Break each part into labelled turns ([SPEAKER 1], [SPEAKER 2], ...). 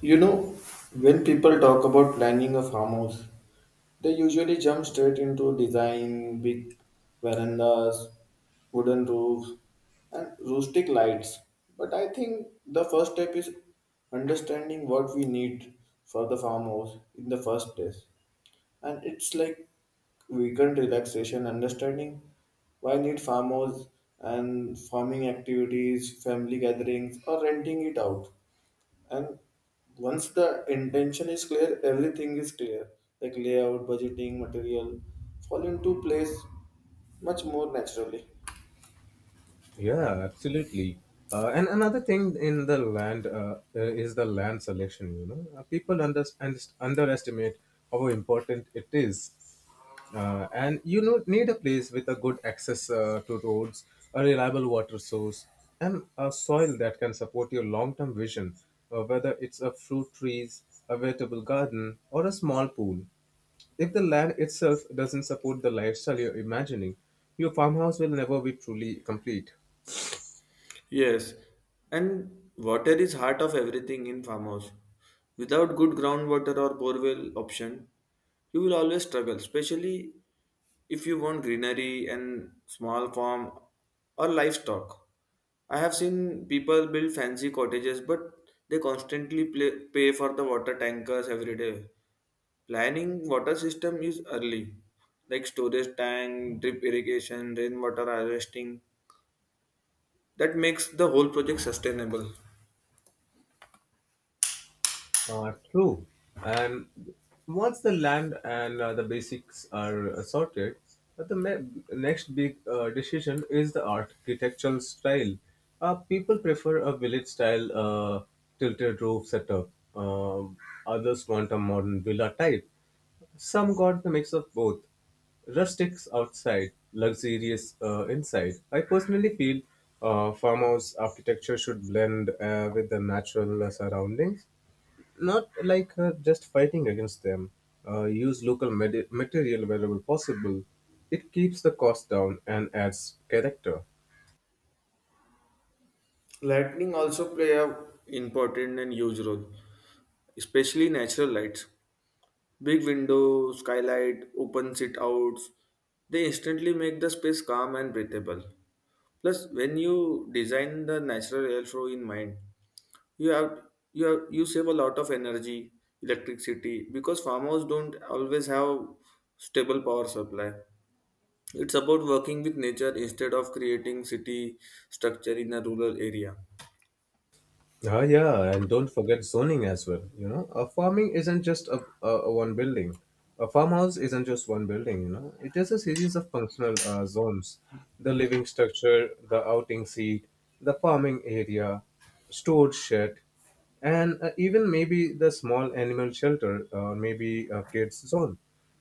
[SPEAKER 1] You know, when people talk about planning a farmhouse, they usually jump straight into design, big verandas, wooden roofs, and rustic lights. But I think the first step is understanding what we need for the farmhouse in the first place. And it's like weekend relaxation, understanding why need farmhouse and farming activities, family gatherings, or renting it out, and once the intention is clear everything is clear like layout budgeting material fall into place much more naturally.
[SPEAKER 2] Yeah, absolutely. And another thing in the land is the land selection. People underestimate how important it is. And you know, need a place with a good access to roads, a reliable water source, and a soil that can support your long-term vision, whether it's a fruit trees, a vegetable garden, or a small pool. If the land itself doesn't support the lifestyle you're imagining, your farmhouse will never be truly complete.
[SPEAKER 1] Yes, and water is heart of everything in farmhouse. Without good groundwater or borewell option, you will always struggle, especially if you want greenery and small farm or livestock. I have seen people build fancy cottages, but they constantly play, pay for the water tankers every day. Planning water system is early, like storage tank, drip irrigation, rainwater harvesting. That makes the whole project sustainable.
[SPEAKER 2] True. And once the land and the basics are sorted, next big decision is the architectural style. People prefer a village style tilted roof setup. Um Others want a modern villa type. Some got the mix of both rustics outside, luxurious inside. I personally feel farmhouse architecture should blend with the natural surroundings, not like her just fighting against them. Use local material wherever possible. It keeps the cost down and adds character.
[SPEAKER 1] Lightning also play a important and huge role, especially natural lights. Big window, skylight, open sit outs, they instantly make the space calm and breathable. Plus, when you design the natural airflow in mind, you have you have you save a lot of energy electricity because farmers don't always have stable power supply. It's about working with nature instead of creating city structure in a rural area.
[SPEAKER 2] Yeah, and don't forget zoning as well. You know, a farming isn't just a one building. A farmhouse isn't just one building. You know, it is a series of functional zones: the living structure, the outing seat, the farming area, storage shed, and even maybe the small animal shelter or maybe a kids zone.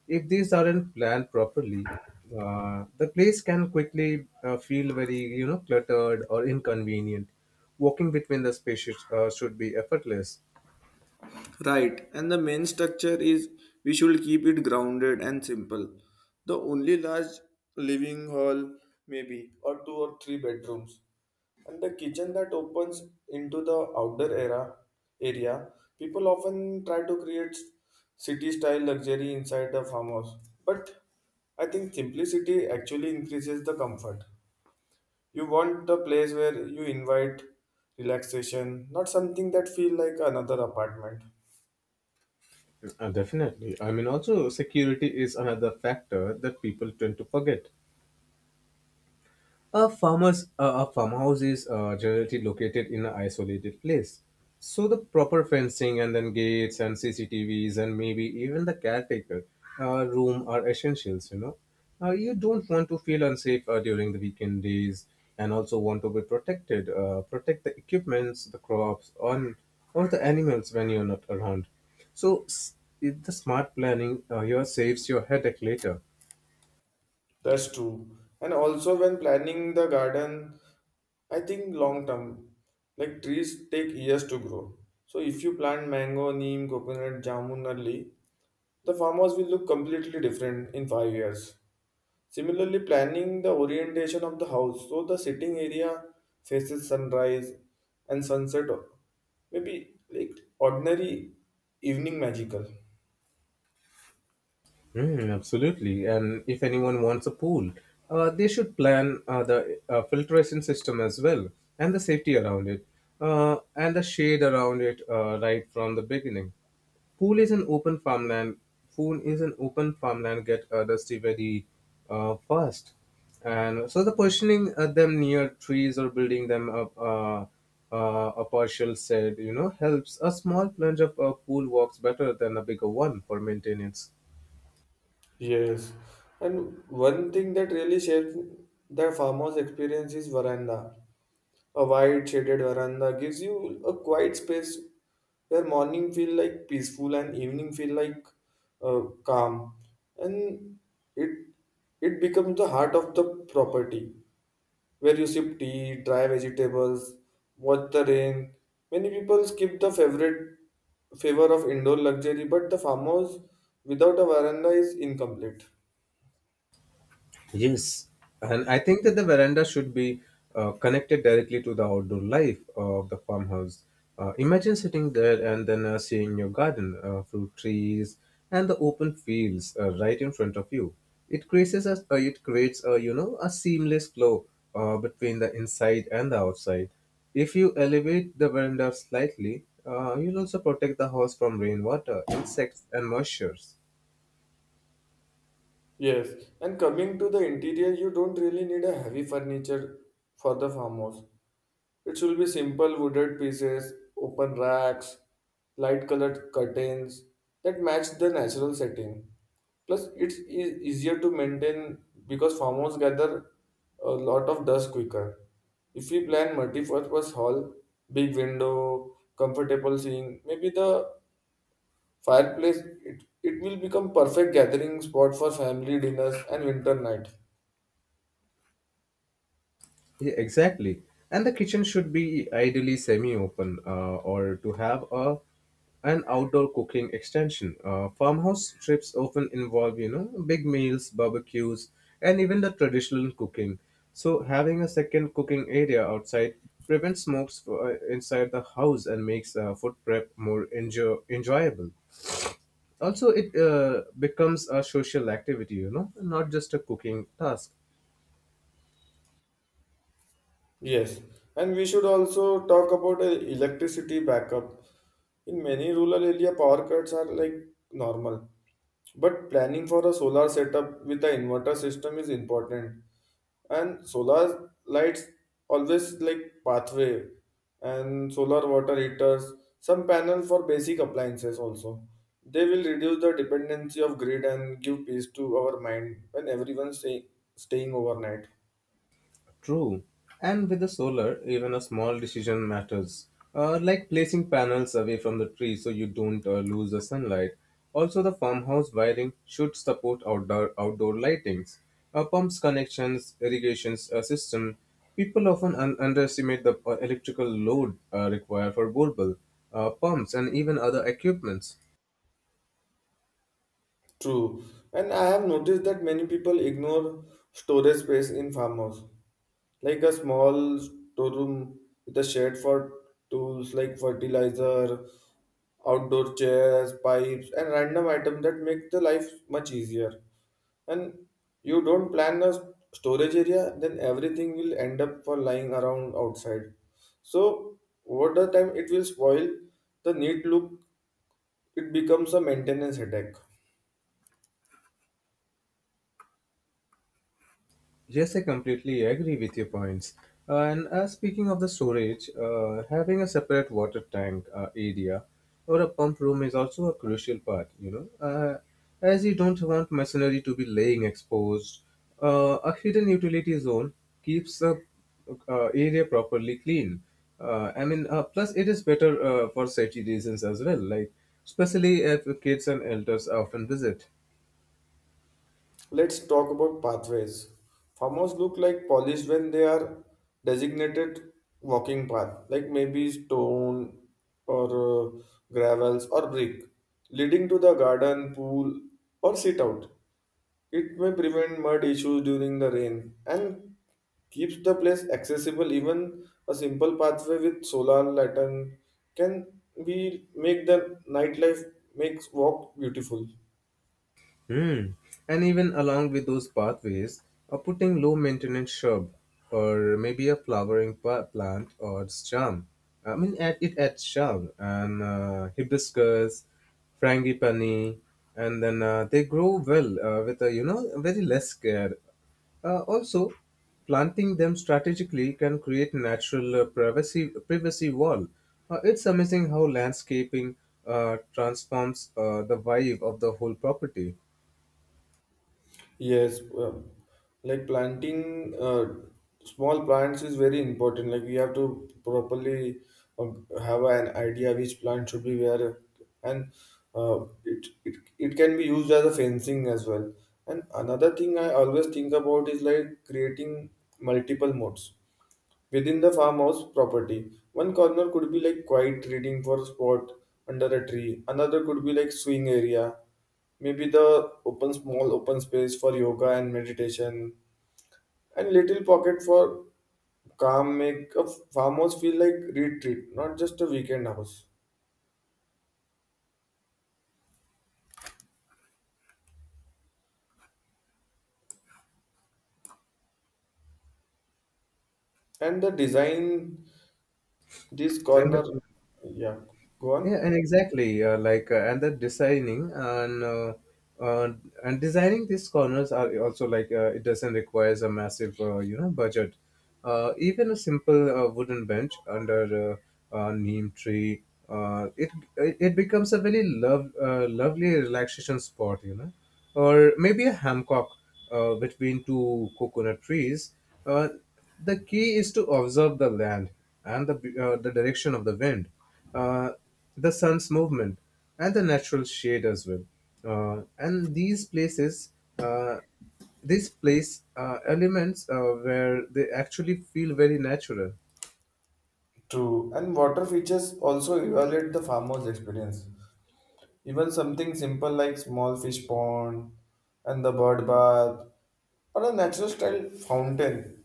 [SPEAKER 2] If these aren't planned properly, the place can quickly feel very, you know, cluttered or inconvenient. Walking between the spaces should be effortless.
[SPEAKER 1] Right, and the main structure is we should keep it grounded and simple. The only large living hall, maybe, or two or three bedrooms, and the kitchen that opens into the outdoor era area. People often try to create city style luxury inside the farmhouse. But I think simplicity actually increases the comfort. You want the place where you invite relaxation, not something that feel like another apartment.
[SPEAKER 2] Definitely. I mean, also security is another factor that people tend to forget. A farmhouse is generally located in an isolated place, so the proper fencing and then gates and CCTVs and maybe even the caretaker room are essentials. You don't want to feel unsafe during the weekend days, and also want to be protected. Protect the equipments, the crops, on or the animals when you're not around. So s- the smart planning here saves your headache later.
[SPEAKER 1] That's true. And also, when planning the garden, I think long term, like trees take years to grow. So, if you plant mango, neem, coconut, jamun early, the farmhouse will look completely different in 5 years. Similarly, planning the orientation of the house, so the sitting area faces sunrise and sunset, maybe like ordinary evening magical.
[SPEAKER 2] Mm, absolutely. And if anyone wants a pool, they should plan the filtration system as well and the safety around it, and the shade around it, right from the beginning. Pool is an open farmland. Pool is an open farmland get dusty very fast. And so the positioning them near trees or building them up a partial shed, you know, helps. A small plunge of a pool works better than a bigger one for maintenance.
[SPEAKER 1] Yes, and one thing that really shapes the farmhouse experience is veranda. A wide shaded veranda gives you a quiet space where morning feel like peaceful and evening feel like calm, and it it becomes the heart of the property where you sip tea, dry vegetables, watch the rain. Many people skip the favorite favor of indoor luxury, but the farmhouse without a veranda is incomplete.
[SPEAKER 2] Yes, and I think that the veranda should be connected directly to the outdoor life of the farmhouse. Imagine sitting there and then seeing your garden, fruit trees, and the open fields right in front of you. It creates a, you know, a seamless flow between the inside and the outside. If you elevate the veranda slightly, you'll also protect the house from rainwater, insects, and moisture.
[SPEAKER 1] Yes, and coming to the interior, you don't really need a heavy furniture for the farmhouse. It should be simple wooded pieces, open racks, light colored curtains that match the natural setting. Plus, it's easier to maintain because farmhouse gather a lot of dust quicker. If we plan multi-purpose hall, big window, comfortable seeing, maybe the fireplace, it will become perfect gathering spot for family dinners and winter night.
[SPEAKER 2] Yeah, exactly. And the kitchen should be ideally semi-open or to have a an outdoor cooking extension. Farmhouse trips often involve, you know, big meals, barbecues, and even the traditional cooking. So having a second cooking area outside prevents smokes for, inside the house and makes food prep more enjoyable. Also, it becomes a social activity, you know, not just a cooking task.
[SPEAKER 1] Yes, and we should also talk about electricity backup. In many rural area, power cuts are like normal, but planning for a solar setup with the inverter system is important. And solar lights always like pathway, and solar water heaters, some panel for basic appliances also, they will reduce the dependency of grid and give peace to our mind when everyone's staying overnight.
[SPEAKER 2] True. And with the solar, even a small decision matters, like placing panels away from the tree so you don't lose the sunlight. Also, the farmhouse wiring should support outdoor lightings, pumps connections, irrigations system. People often underestimate the electrical load required for bulbul, pumps, and even other equipments.
[SPEAKER 1] True, and I have noticed that many people ignore storage space in farmhouse, like a small storeroom with a shed for tools like fertilizer, outdoor chairs, pipes, and random items that make the life much easier. And you don't plan a storage area, then everything will end up for lying around outside. So over the time, it will spoil the neat look. It becomes a maintenance headache.
[SPEAKER 2] Yes, I completely agree with your points. And speaking of the storage, having a separate water tank area or a pump room is also a crucial part, as you don't want machinery to be laying exposed. A hidden utility zone keeps the area properly clean. Plus it is better for safety reasons as well, like especially if kids and elders often visit.
[SPEAKER 1] Let's talk about pathways. Farmers look like polished when they are designated walking path, like maybe stone or uh, gravels or brick, leading to the garden, pool, or sit out. It may prevent mud issues during the rain and keeps the place accessible. Even a simple pathway with solar lantern can be make the nightlife makes walk beautiful.
[SPEAKER 2] Hmm. And even along with those pathways, are putting low maintenance shrub or maybe a flowering plant or its charm. It adds charm and hibiscus, frangipani, and then they grow well with a, you know, very less care. Also, planting them strategically can create natural privacy wall. It's amazing how landscaping transforms the vibe of the whole property.
[SPEAKER 1] Yes, like planting small plants is very important. Like we have to properly have an idea which plant should be where, and it can be used as a fencing as well. And another thing I always think about is like creating multiple modes within the farmhouse property. One corner could be like quiet reading for spot under a tree. Another could be like swing area. Maybe the open small open space for yoga and meditation. And little pocket for calm make a farmhouse feel like retreat, not just a weekend house. And the design this
[SPEAKER 2] and
[SPEAKER 1] corner,
[SPEAKER 2] the-
[SPEAKER 1] yeah, go
[SPEAKER 2] yeah,
[SPEAKER 1] on.
[SPEAKER 2] and exactly. Like and the designing and uh, and designing these corners are also like, it doesn't requires a massive, you know, budget. Even a simple wooden bench under a neem tree, it it becomes a very lovely relaxation spot, you know, or maybe a hammock between two coconut trees. uh, the key is to observe the land and the, the direction of the wind, uh, the sun's movement, and the natural shade as well. Uh, and these places, uh, these place elements where they actually feel very natural.
[SPEAKER 1] True. And water features also evaluate the farmhouse experience. Even something simple like small fish pond and the bird bath or a natural style fountain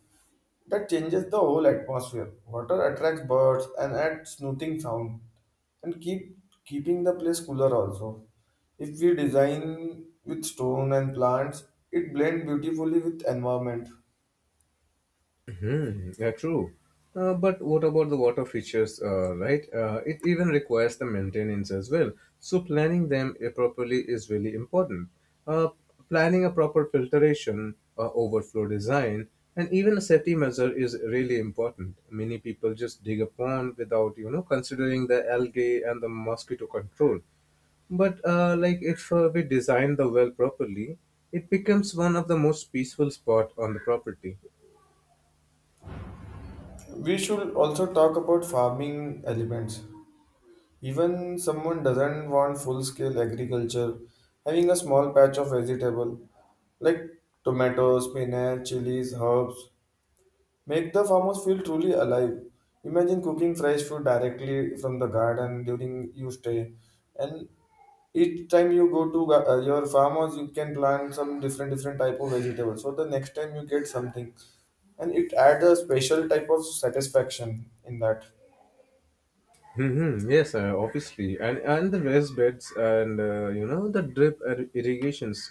[SPEAKER 1] that changes the whole atmosphere. Water attracts birds and adds soothing sound and keeping the place cooler also. If we design with stone and plants, it blends beautifully with environment.
[SPEAKER 2] Hmm, yeah, true. But what about the water features, right? It even requires the maintenance as well. So planning them properly is really important. Uh, Planning a proper filtration, overflow design, and even a safety measure is really important. Many people just dig a pond without, you know, considering the algae and the mosquito control. But if we design the well properly, it becomes one of the most peaceful spot on the property.
[SPEAKER 1] We should also talk about farming elements. Even someone doesn't want full-scale agriculture, having a small patch of vegetable like tomatoes, spinach, chilies, herbs make the farmers feel truly alive. Imagine cooking fresh food directly from the garden during you stay, and each time you go to your farmers, you can plant some different different type of vegetables. So the next time you get something, and it adds a special type of satisfaction in that.
[SPEAKER 2] Mm-hmm. Yes, obviously, and the raised beds and, you know, the irrigations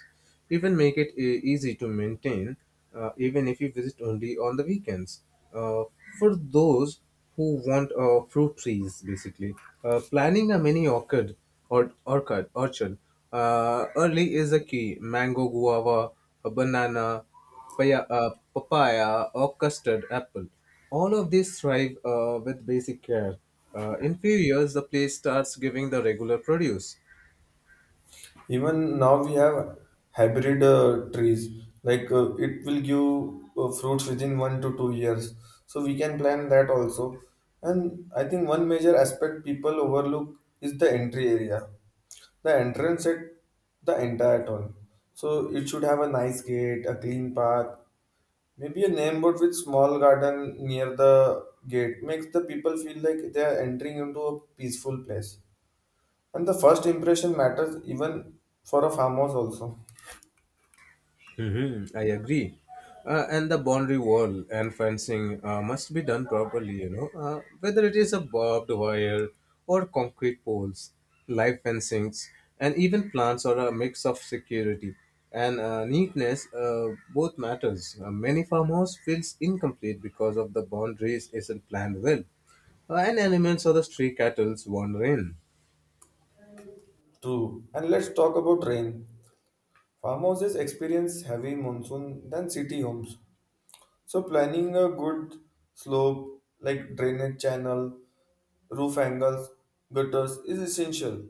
[SPEAKER 2] even make it easy to maintain, even if you visit only on the weekends. Uh, for those who want fruit trees, basically, planning a mini orchid or orchid orchard early is a key. Mango, guava, a banana, papaya, or custard apple. All of these thrive with basic care. In few years, the place starts giving the regular produce.
[SPEAKER 1] Even now we have hybrid trees. Like it will give fruits within 1 to 2 years. So we can plan that also. And I think one major aspect people overlook is the entry area. The entrance at the entire town. So it should have a nice gate, a clean path, maybe a name board with small garden near the gate makes the people feel like they are entering into a peaceful place. And the first impression matters even for a farmhouse also.
[SPEAKER 2] Hmm, I agree. And the boundary wall and fencing must be done properly, whether it is a barbed wire or concrete poles, live fencings, and even plants are a mix of security and neatness. Both matters. Many farmhouse feels incomplete because of the boundaries isn't planned well, and animals or the stray cattle's wander in.
[SPEAKER 1] True. And let's talk about rain. Farmhouses experience heavy monsoon than city homes. So planning a good slope like drainage channel, roof angles, gutters is essential.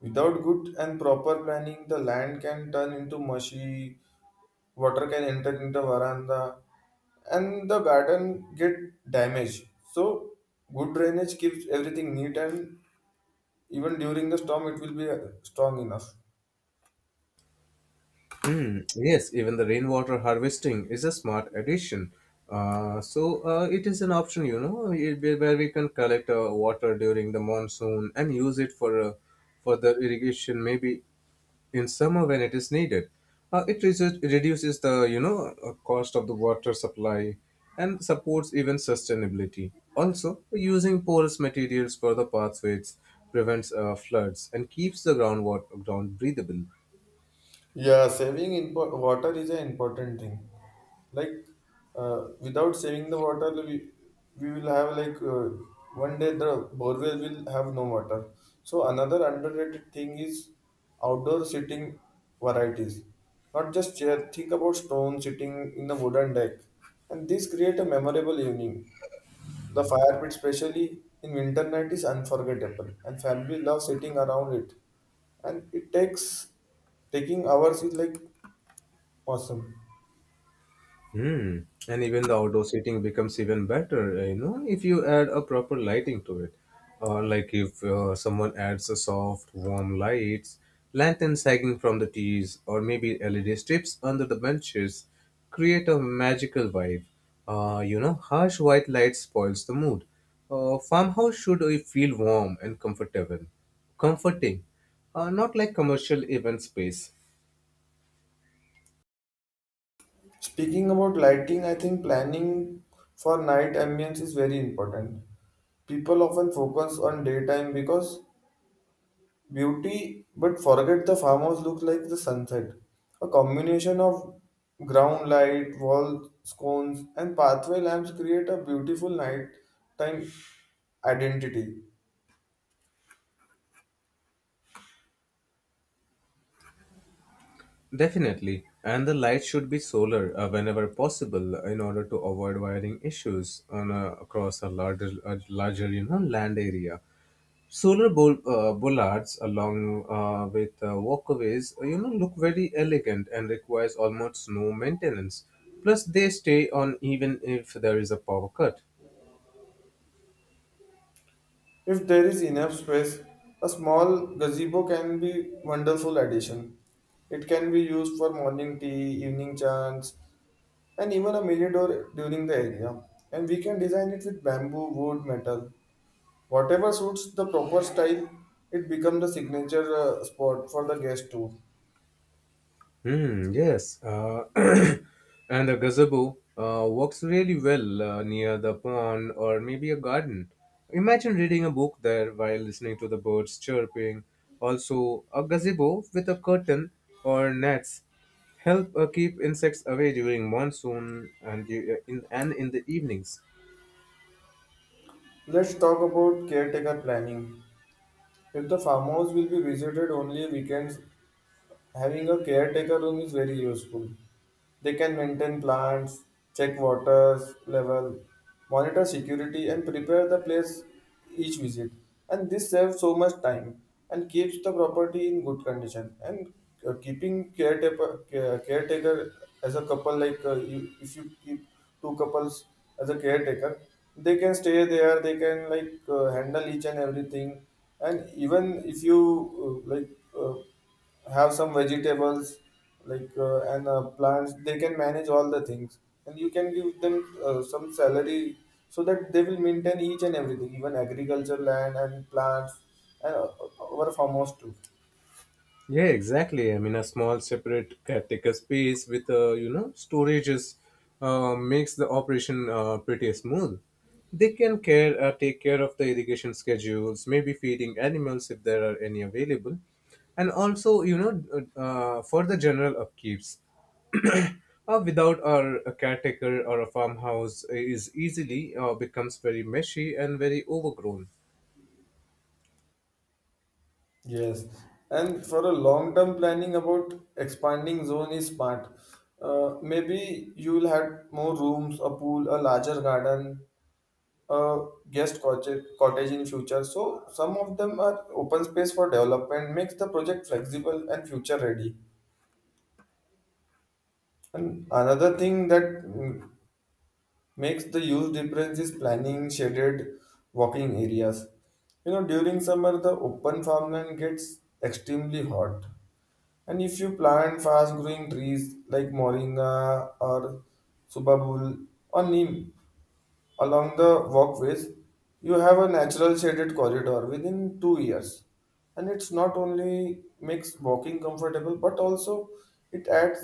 [SPEAKER 1] Without good and proper planning, the land can turn into mushy, water can enter into veranda, and the garden get damaged. So good drainage keeps everything neat and even during the storm it will be strong enough.
[SPEAKER 2] Hmm. Yes, even the rainwater harvesting is a smart addition. It is an option, you know, where we can collect water during the monsoon and use it for the irrigation, maybe in summer when it is needed. It reduces the, you know, cost of the water supply and supports even sustainability. Also, using porous materials for the pathways prevents floods and keeps the ground breathable.
[SPEAKER 1] Yeah, saving water is an important thing. Like, uh, without saving the water, we will have like one day the borewell will have no water. So another underrated thing is outdoor sitting varieties. Not just chair. Think about stone sitting in the wooden deck, and this create a memorable evening. The fire pit, especially in winter night, is unforgettable, and family love sitting around it. And it takes taking hours is like awesome.
[SPEAKER 2] Mm. And even the outdoor seating becomes even better, you know, if you add a proper lighting to it. Or like if someone adds a soft, warm lights, lanterns hanging from the tees, or maybe LED strips under the benches, create a magical vibe. You know, harsh white light spoils the mood. Farmhouse should feel warm and comforting, not like commercial event space.
[SPEAKER 1] Speaking about lighting, I think planning for night ambience is very important. People often focus on daytime because beauty, but forget the farmhouse looks like the sunset. A combination of ground light, wall scones, and pathway lamps create a beautiful nighttime identity.
[SPEAKER 2] Definitely. And the light should be solar whenever possible in order to avoid wiring issues on a, across a larger, you know, land area. Solar bollards along with walkways, you know, look very elegant and requires almost no maintenance. Plus, they stay on even if there is a power cut.
[SPEAKER 1] If there is enough space, a small gazebo can be wonderful addition. It can be used for morning tea, evening chants, and even a mini door during the area. And we can design it with bamboo, wood, metal. Whatever suits the proper style, it becomes the signature spot for the guest too.
[SPEAKER 2] Hmm, yes. And the gazebo works really well near the pond or maybe a garden. Imagine reading a book there while listening to the birds chirping. Also, a gazebo with a curtain or nets help keep insects away during monsoon and in the evenings.
[SPEAKER 1] Let's talk about caretaker planning. If the farmhouse will be visited only weekends, having a caretaker room is very useful. They can maintain plants, check water level, monitor security, and prepare the place each visit. And this saves so much time and keeps the property in good condition. And keeping caretaker as a couple, like if you keep two couples as a caretaker, they can stay there. They can like handle each and everything. And even if you uh, like. Uh, have some vegetables like and plants, they can manage all the things and you can give them some salary so that they will maintain each and everything, even agriculture land and plants and our farmers too.
[SPEAKER 2] Yeah, exactly. I mean, a small separate caretaker space with, you know, storages makes the operation pretty smooth. They can care take care of the irrigation schedules, maybe feeding animals if there are any available, and also, you know, for the general upkeeps. Without our a caretaker or a farmhouse is easily becomes very meshy and very overgrown.
[SPEAKER 1] Yes, and for a long term planning about expanding zone is smart. Maybe you will have more rooms, a pool, a larger garden, uh, guest cottage in future. So some of them are open space for development, makes the project flexible and future ready. And another thing that makes the use difference is planning shaded walking areas. You know, during summer the open farmland gets extremely hot. And if you plant fast growing trees like moringa or subabul or neem, along the walkways, you have a natural shaded corridor within 2 years, and it's not only makes walking comfortable but also it adds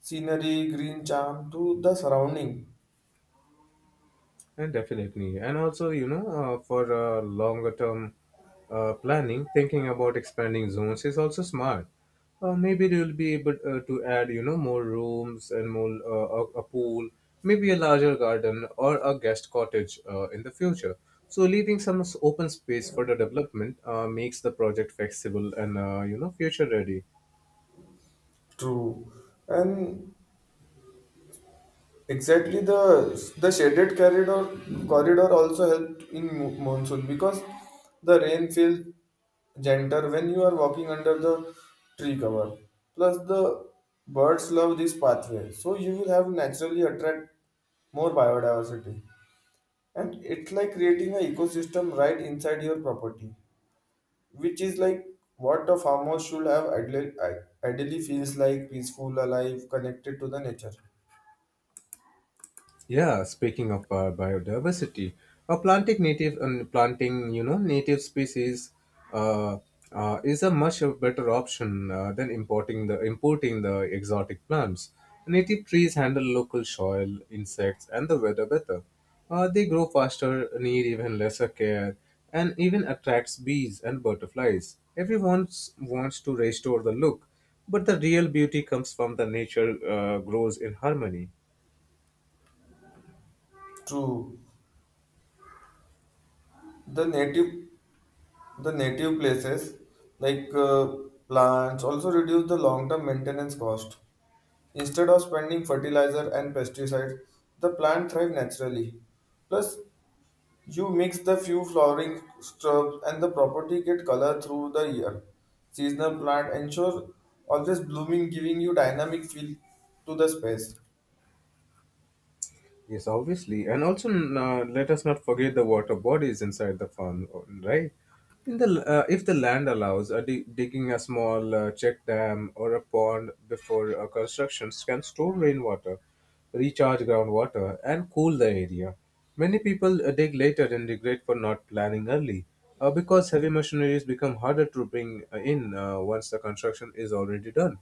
[SPEAKER 1] scenery, green charm to the surrounding.
[SPEAKER 2] And definitely. And also, you know, for longer term planning, thinking about expanding zones is also smart. Maybe you'll be able to add, you know, more rooms and more a pool, maybe a larger garden or a guest cottage in the future. So leaving some open space for the development, makes the project flexible and, future ready.
[SPEAKER 1] True, and exactly, the shaded corridor also helped in monsoon because the rain feels gentler when you are walking under the tree cover. Plus, the birds love this pathway, so you will have naturally attract more biodiversity. And it's like creating an ecosystem right inside your property, which is like what a farmhouse should have ideally, feels like peaceful, alive, connected to the nature.
[SPEAKER 2] Yeah, speaking of biodiversity, planting, native species, uh, is a much a better option than importing the exotic plants. Native trees handle local soil, insects, and the weather better. They grow faster, need even lesser care, and even attracts bees and butterflies. Everyone wants to restore the look, but the real beauty comes from the nature grows in harmony.
[SPEAKER 1] True. The native the native places like plants also reduce the long-term maintenance cost instead of spending fertilizer and pesticides, the plant thrive naturally. Plus, you mix the few flowering shrubs and the property get color through the year. Seasonal plant ensure always blooming, giving you dynamic feel to the space.
[SPEAKER 2] Yes, obviously. And also, let us not forget the water bodies inside the farm, right? If the land allows, digging a small check dam or a pond before constructions can store rainwater, recharge groundwater, and cool the area. Many people dig later and regret for not planning early, because heavy machineries become harder to bring in, once the construction is already done.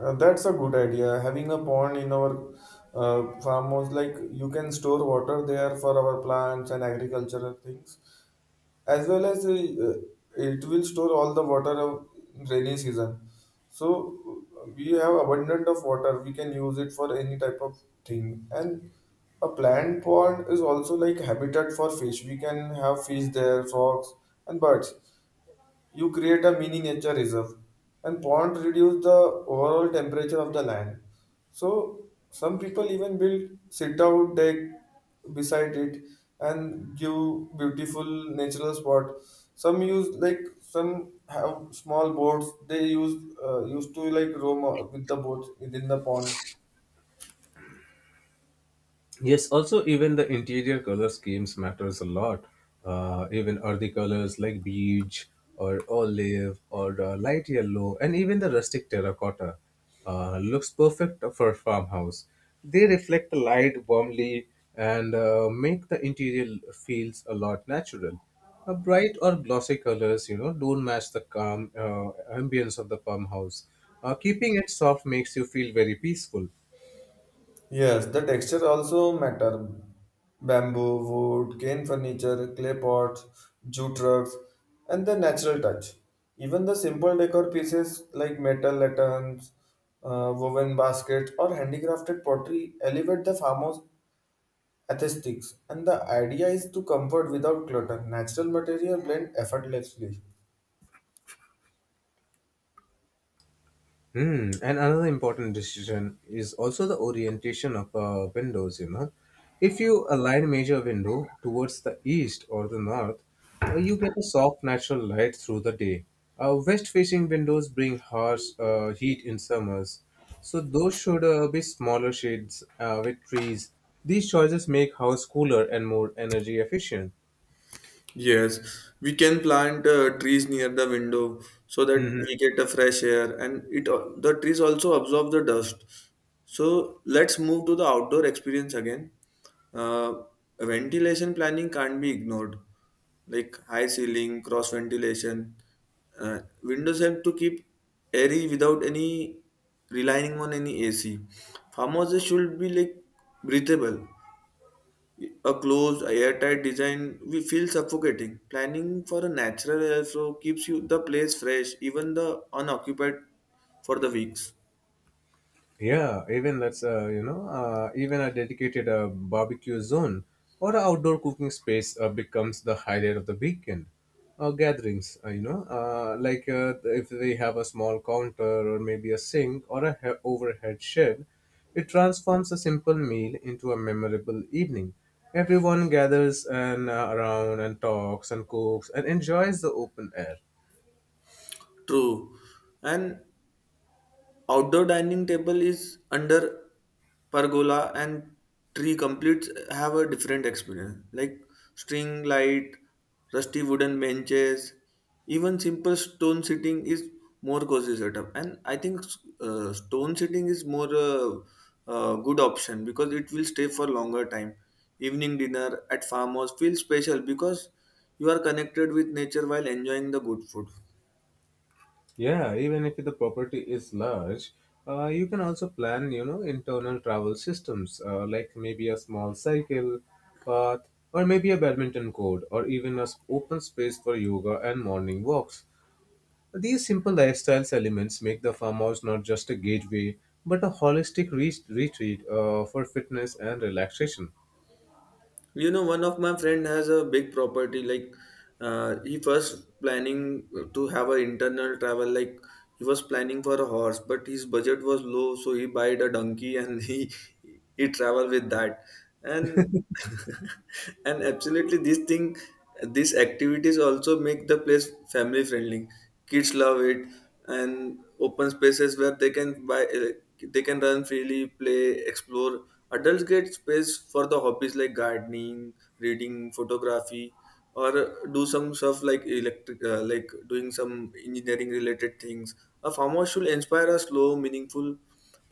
[SPEAKER 1] That's a good idea. Having a pond in our farm was like you can store water there for our plants and agricultural things, as well as it will store all the water of rainy season, so we have abundant of water, we can use it for any type of thing. And a plant pond is also like habitat for fish, we can have fish there, frogs and birds. You create a mini nature reserve, and pond reduce the overall temperature of the land, so some people even build sit out deck beside it and give beautiful natural spot. Some use like some have small boats, they use, used to like roam with the boats within the pond.
[SPEAKER 2] Yes, also even the interior color schemes matters a lot. Even earthy colors like beige or olive or light yellow, and even the rustic terracotta looks perfect for a farmhouse. They reflect the light warmly and make the interior feels a lot natural. Bright or glossy colors, don't match the calm ambience of the farmhouse. Keeping it soft makes you feel very peaceful.
[SPEAKER 1] Yes, the texture also matter. Bamboo, wood, cane furniture, clay pots, jute rugs, and the natural touch. Even the simple decor pieces like metal lanterns, woven baskets, or handicrafted pottery elevate the farmer's aesthetics. And the idea is to comfort without clutter. Natural material blend effortlessly.
[SPEAKER 2] And another important decision is also the orientation of windows. You know, if you align major window towards the east or the north, you get a soft natural light through the day. West facing windows bring harsh heat in summers, so those should be smaller shades with trees. These choices make house cooler and more energy efficient.
[SPEAKER 1] Yes, we can plant trees near the window so that we
[SPEAKER 2] Mhm.
[SPEAKER 1] get a fresh air, and the trees also absorb the dust. So let's move to the outdoor experience again. Uh, Ventilation planning can't be ignored. Like high ceiling, cross ventilation. Windows help to keep airy without any relying on any AC. Farmhouses should be like breathable, a closed, airtight design we feel suffocating. Planning for a natural airflow keeps you the place fresh, even the unoccupied for the weeks.
[SPEAKER 2] Yeah, even that's you know, even a dedicated barbecue zone or a outdoor cooking space becomes the highlight of the weekend gatherings. Like, if they have a small counter or maybe a sink or overhead shed, it transforms a simple meal into a memorable evening. Everyone gathers and, around, and talks and cooks and enjoys the open air.
[SPEAKER 1] True. And outdoor dining table is under pergola and tree completes have a different experience, like string light, rusty wooden benches, even simple stone sitting is more cozy setup. And I think stone sitting is more good option because it will stay for longer time. It will stay for more because you are connected with nature while enjoying the good food.
[SPEAKER 2] Yeah, even if the property is large, you can also plan, internal travel systems like maybe a small cycle path or maybe a badminton court or even a s- open space for yoga and morning walks. These simple lifestyles elements make the farmhouse not just a gateway but a holistic retreat for fitness and relaxation.
[SPEAKER 1] You know, one of my friend has a big property like, he first planning to have an internal travel, like he was planning for a horse, but his budget was low, so he bought a donkey and he travel with that. And and absolutely this thing, these activities also make the place family friendly. Kids love it, and open spaces where they can run freely, play, explore. Adults get space for the hobbies like gardening, reading, photography, or do some stuff like electric, like doing some engineering related things. A farmhouse should inspire a slow meaningful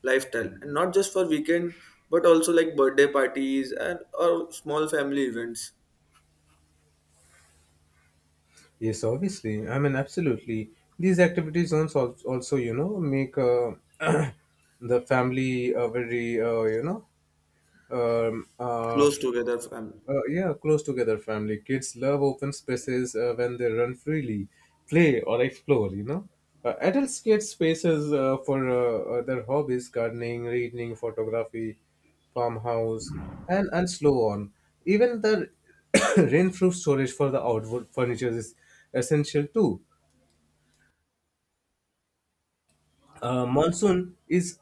[SPEAKER 1] lifestyle, and not just for weekend but also like birthday parties and or small family events.
[SPEAKER 2] Yes, obviously. I mean, absolutely. These activity zones also, make the family very, um, uh,
[SPEAKER 1] Close
[SPEAKER 2] f-
[SPEAKER 1] together family.
[SPEAKER 2] yeah, close together family. Kids love open spaces when they run freely, play or explore. You know, adults get spaces for their hobbies: gardening, reading, photography farmhouse, and slow on. Even the rainproof storage for the outdoor furniture is essential too. Monsoon is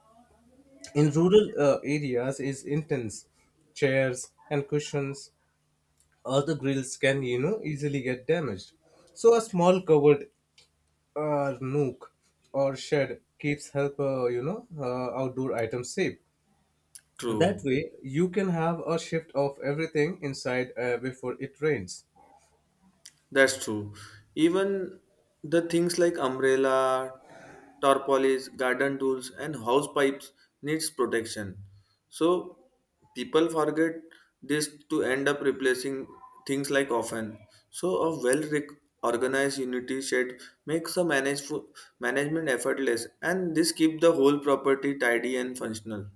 [SPEAKER 2] in rural areas is intense. Chairs and cushions, other grills can, you know, easily get damaged. So a small covered nook or shed keeps help, outdoor items safe. That
[SPEAKER 1] True.
[SPEAKER 2] way you can have a shift of everything inside before it rains.
[SPEAKER 1] That's true. Even the things like umbrella, tarpaulins, garden tools, and house pipes needs protection. So people forget this to end up replacing things like often. So a organized unity shed makes the management effortless, and this keep the whole property tidy and functional.